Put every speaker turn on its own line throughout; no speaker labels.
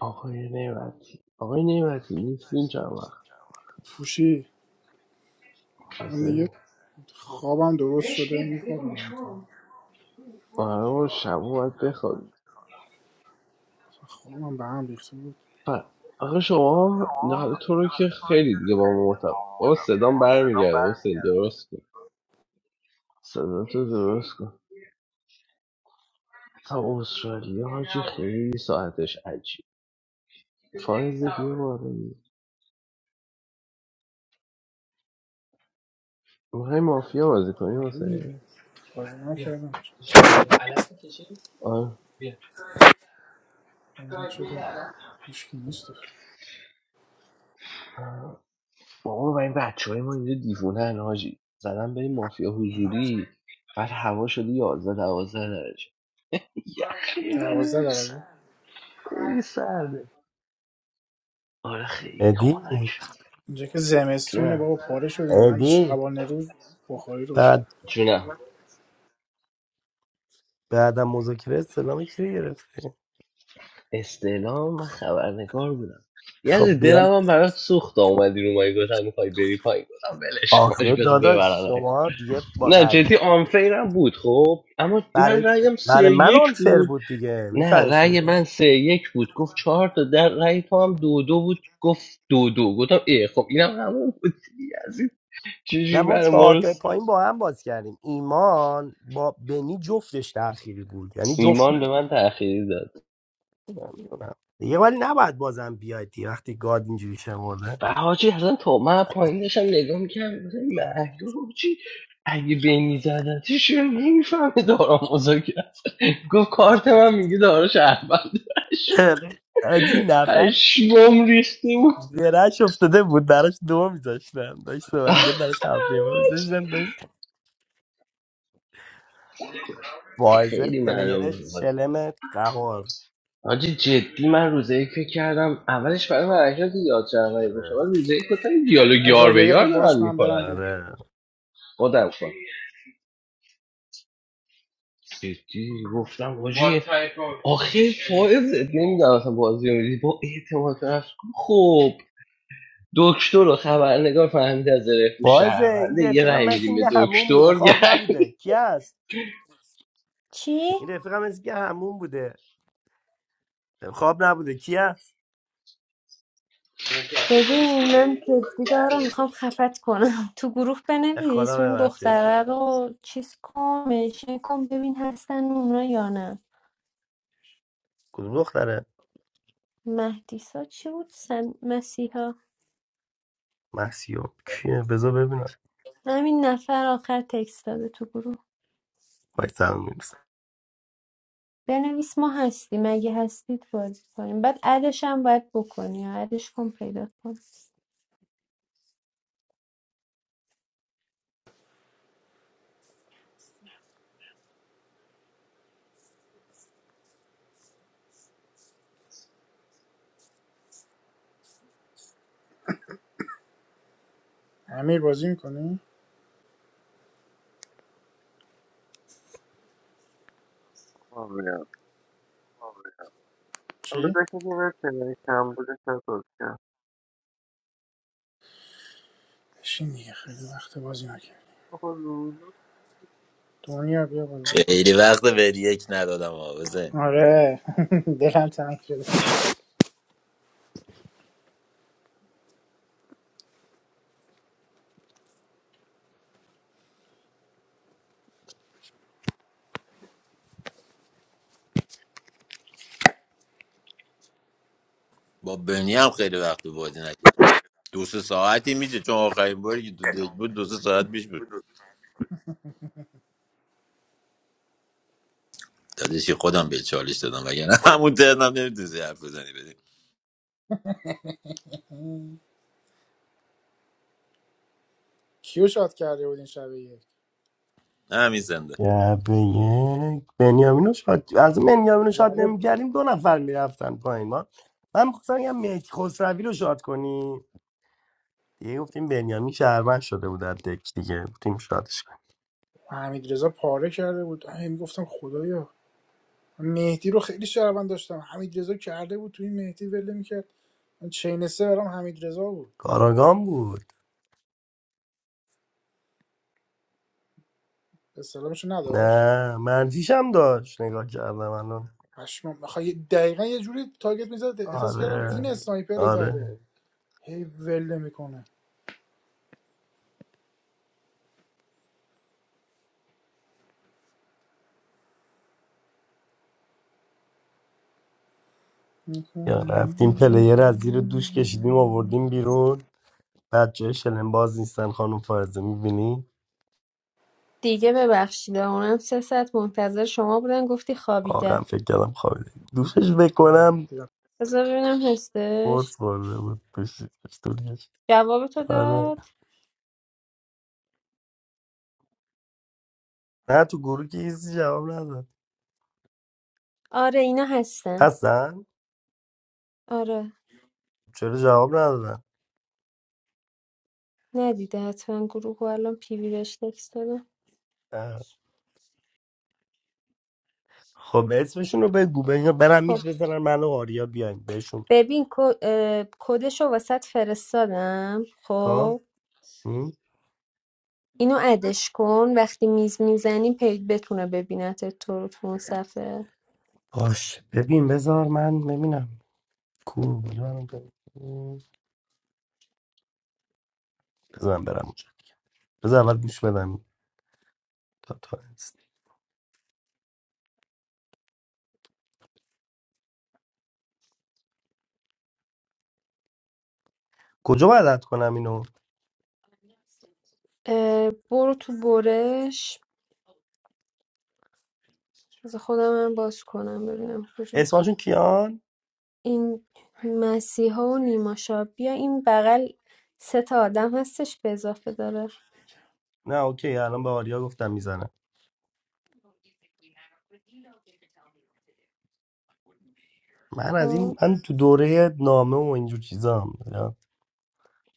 آقای نعمتی آقای نعمتی نیستین چند وقت
پوشی
از
من دیگه خوابم درست شده میخوابم این
ما شب باید بخوابیم
خوابم به هم ریخته بود
ف- آقا شما نه تو رو که خیلی دیگه با ما مرتب با صدام برمیگرده حسین درست کن صدا تو درست کن تا استرالیا حاجی خیلی ساعتش عجیب فایز بیا بالا میخوای مافیا بازی کنی
آره دیگه
واسه
بازی نکردم
آه.
اینا چرا هیچکی نیستش
بابا و این بچه های ما اینجا دیوونه هن حاجی زدن بریم مافیا
بدم زد.
حضوری بعد هوا شده یازده دوازده درجه یخی
دوازده
بچ
درجه
خیلی سرده آره خیلی
ادی
خنک
اینجا که زمستونه بابا
جونم
پاره شدیم من
ادی
شبانه روز بخاری روشن
بعد
جونم
بعدم مذاکره استلام کی رو گرفت
استعلام من خبرنگار بودم یه از
خب بیام
دلم هم برات سوخت اومدی رو مایی گفتم میخوای بری پایین گفتم ولش
آخه
کنش بس
داداش
ببرن
شما دیگه با
نه
قد
جدی آنفیرم بود خب اما من
برای
رأیم سه
برای من
یک
آن فر
بود
بود دیگه
نه
میفهمی چی
رأی
میگم
من سه یک بود گفت چهار تا در رأی تو هم دو دو بود گفت دو دو گفتم ای خب اینم همون بود دیگه از این
نه
چجوری
ما
برای ما
چهار
رو
تا پایین با هم باز کردیم ایمان با بنی جفتش تأخیری بود یعنی جفت
ایمان به من تأخیری داد
دیگه ولی نباید بازم بیاید دیگه وقتی گاد اینجوری شمرده
و حاجی اصلا تو من پایین داشتم نگاه میکردم گفتم این مهدو چی اگه بینی زدتش چرا نمیفهمه دارا مذاکره است گفت کارت من میگه دارا شهروند
آجی نفس
پشمام ریخته بود
زرش افتاده بود براش دو میذاشتم داشت صحبت کرد براش هفته واعظه
خیلی معلوم
پلیر
بود
شلم قهار
حاجی جدی من روزه یک فکر کردم اولش برای من حرکت یاد شهروندی باشه
آره
ولی روزه یک گفتم این دیالوگ یار
ادوار یه
به
دقیقه
یار دارن
باش من برم
میکنن
بیام
دیگه
آره
خودم جدی گفتم What واجه آخه فائز نمیدونم اصلا بازی رو میدی با اعتماد به نفس خب دکتر و خبرنگار فهمیده از رفو
واعظه این
شهرونده یه
رفیقم
رای
مثل
میدیم به
اینکه همون بوده
دکتر یه
خواب نبوده کی هست
چی؟
این رفیقم مثل اینکه همون بوده خواب نبوده کی هست
ببین
رأی
من جدی دارم میخوام خفت کنم تو گروه
به خدا
بنویس اون
ببخشید
دختره رو چیز کن منشن کن ببین هستن اونا یا نه
کدوم دختره
مهدیسا چی بود سم... مسیحا
محسیو کیه بذار ببینم
همین نفر آخر تکست داده تو گروه
وای سلام میرسه
بنویس ما هستیم اگه هستید بازی کنیم بعد ادش هم باید بکنی ادش کن پیدا کن
امیر بازی میکنی؟
Abi ya.
چی؟
Alacak gibi versene İstanbul'da çalışacağım.
بشین دیگه خیلی وقت بازی نکرد
Ama ruhunu,
دنیا بیا بالا
خیلی وقت به یک ندادم آوزه
آره دلم تنگ شده
با بنی هم خیلی وقت بازی نکرد دو سه ساعتی میشه چون آخرین باری که تو دک بود دو سه ساعت پیش بود دادشی خودم به چالش دادم وگرنه همون ترنم نمیتونی حرف بزنی بدیم
کیو شاد کرده بود این شب یک
همین
به یک بنیامینو شاد از اون بنیامینو شاد
زده بود
نمیکردیم دو نفر میرفتن پایین ما من میخواستم بگم مهدی خسروی رو شاد کنی دیگه گفتیم بنیامین شهروند شده بود در دک دیگه گفتیم شاد
حمیدرضا پاره کرده بود هی میگفتم خدایا من مهدی رو خیلی شهروند داشتم حمیدرضا کرده بود تو این مهدی ول میکرد من چین سه برام حمیدرضا بود
کاراگان بود
استلامش نداشت
نه منفیشم داشت نگاه کردم الان
پشمام بخوای دقیقا یه جوری تارگت میزد احساس کردم این
آره
اسنایپر زده
آره
هی ول میکنه
یا رفتیم پلیر از زیر دوش کشیدیم آوردیم بیرون بچه شلم باز نیستن خانم فرزه میبینی
دیگه ببخشید اونم سه ساعت منتظر شما بودن گفتی
واقعا
خوابیده
فکر کردم خوابیده دوشش بکنم
بذار ببینم هستش
قرص خورده بود دوش دوش
جواب تو داد
آره نه تو گروه که هیچی جواب نداد
آره اینا هستن
هستن
آره
چرا جواب ندادن
ندیده حتما گروه و الان پیوی بهش تکست دادم
اه. خب اسمشون رو بگو بگو برم
خب
میز بزنن من و آریا بیایم بهشون
ببین کو- اه، کدشو واسط فرستادم خب
خب
اینو ادش کن وقتی میز میزنی پیج بتونه ببینتت تو رو تو اون صفحه
باش ببین بذار من ببینم کو بذارم ببینم. بذارم برم اونجا دیگه بذار اول گوش بدم تا تا است. کجا باید رد کنم اینو
اه، برو تو برش از خودم هم باز کنم ببینم
اسمشون
کجاست
کیان
این مسیحا و نیما شاه بیا این بغل سه تا آدم هستش به اضافه داره
نه اوکی الان به آریا گفتم میزنم من از
خب.
این من تو دوره نامه و اینجور چیزا هم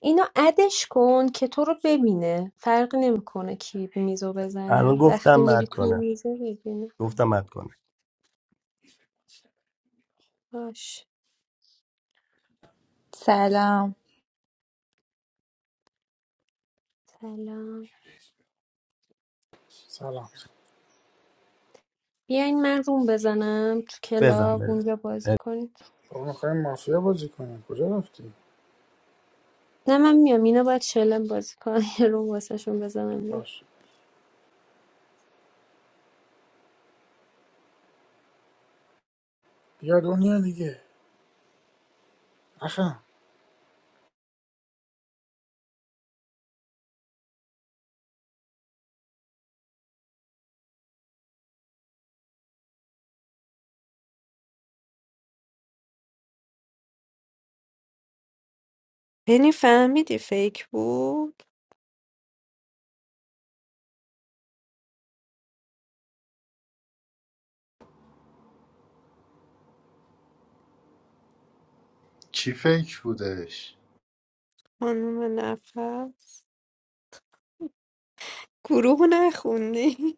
اینو ادش کن که تو رو ببینه فرق نمیکنه کی میزو
الان
بزنه
گفتم
وقتی میری
مد
توی
کنه
میزه ببینه
گفتم مد کنه
باش
Assalam,
سلام
سلام
بیاین من روم بزنم تو کلاب
بزن
اونجا بازی کنید
بابا میخوایم مافیا بازی کنیم کجا رفتی
نه من میام اینا باید شلم بازی کنم یه روم واسه شون بزنم بیام.
باش بیا دنیا دیگه آخه.
بنی فهمیدی فیک بود
Chief Fooders.
خانم نفس گروه نخوندی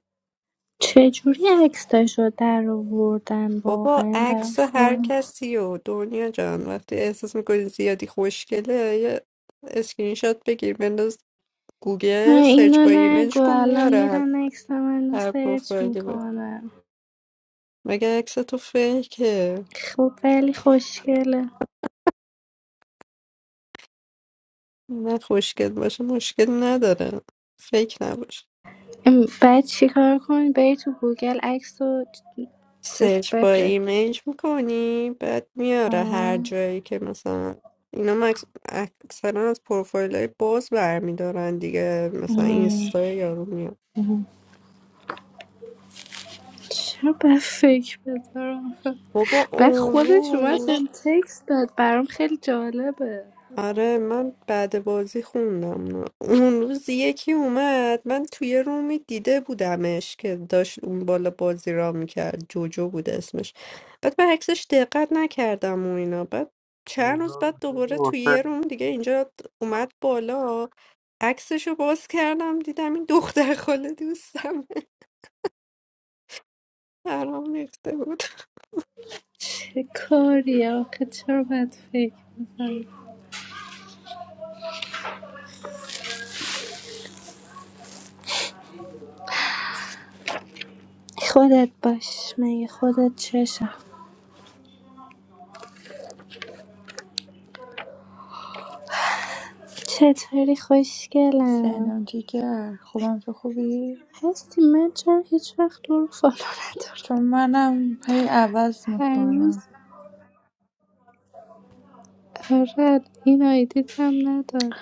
چجوری عکساشو در آوردن
بابا
واقعا برام
عکس هر
سوال
کسی و دنیا جان وقتی احساس میکنی زیادی خوشگله یه اسکرین شات بگیر بنداز
نه،
گوگل سرچ
اینو
با
نگو
ایمیج کن
الان
میاره هر
میرن عکس منو
هر
سرچ
پروفایلی بود
میکنم
مگه عکس تو فیکه
خب ولی خوشگله
نه خوشگل باشه مشکل نداره فیک نباشه
ام، بعد چیکار کنی بری تو گوگل عکس رو چ- چیز
سرچ با
بفرست
ایمیج میکنی بعد میاره هر
آه.
جایی که مثلا اینا مکس... اکثرا از پروفایل های باز برمیدارن دیگه مثلا
ام.
اینستا یارو میاد
چرا به فکر بذارم
بابا
بعد
اون
خودش اومد
روز
بهم تکست داد برام خیلی جالبه
آره من بعد بازی خوندم اون روز یکی اومد من توی رومی دیده بودمش که داشت اون بالا بازی را میکرد جوجو بود اسمش بعد من عکسش دقت نکردم و اینا بعد چند روز
ruhunu,
بعد دوباره توی
ruhunu,
یه روم دیگه اینجا اومد بالا عکسشو باز کردم دیدم این دختر خاله دوستم برام ریخته بود
چه کاری آخه چرا باید فکر خودت باش مگه خودت چشم چطوری خوشگلم
Assalam alaikum. How are you? Good, good.
هستی من چرا هیچ وقت تو رو فالو ندارم
Just now I played a
هر روز
match.
آره این آیدیت هم ندارم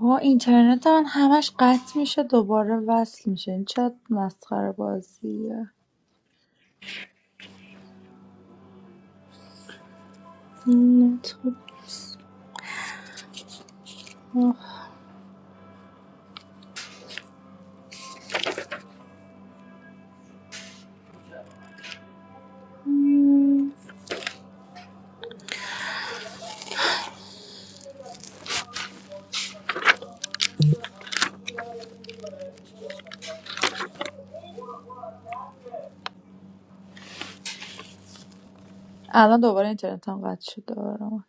Oh, internet is always down. We have to restart it. Now
نه تو آه.
the internet is down again.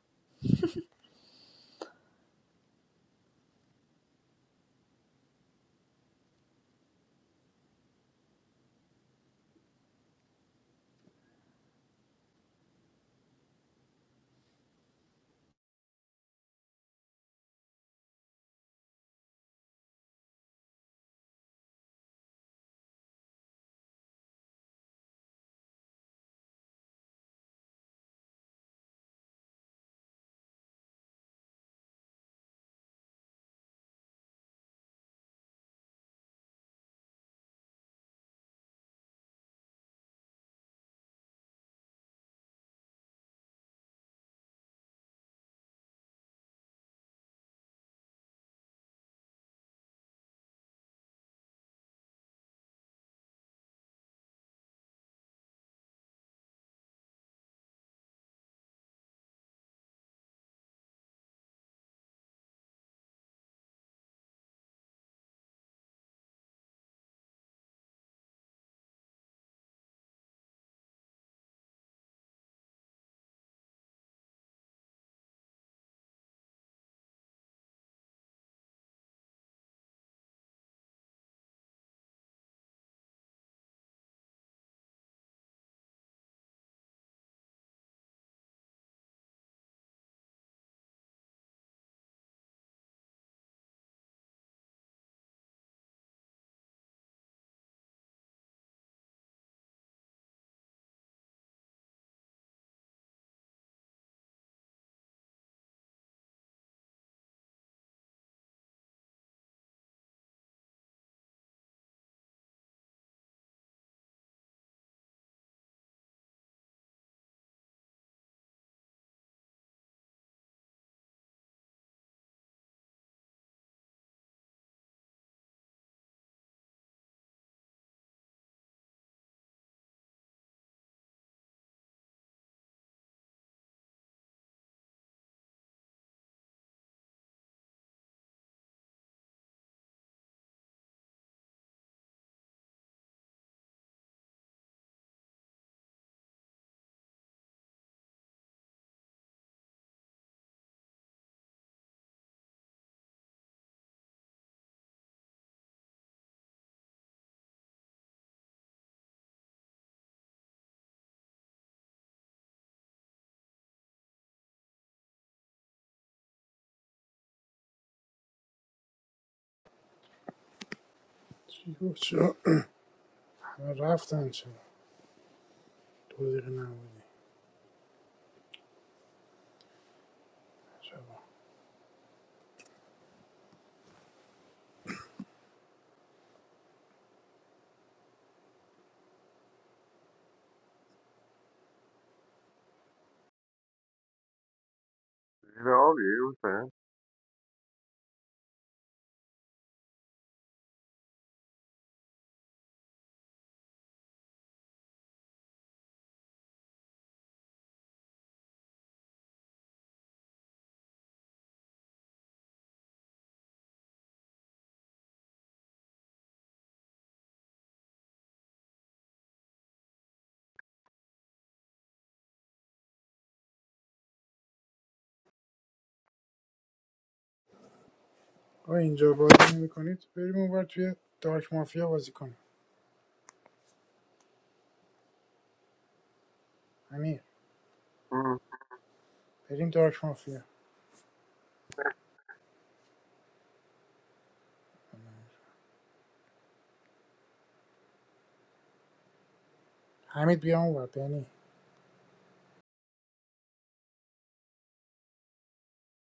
چی بود چرا همه رفتن چرا دو دقیقه نبودی
ruhunu, ruhunu,
آقا اینجا بازی نمیکنید بریم اونور توی دارک مافیا بازی کنیم امیر بریم دارک مافیا حمید بیا اونور بنی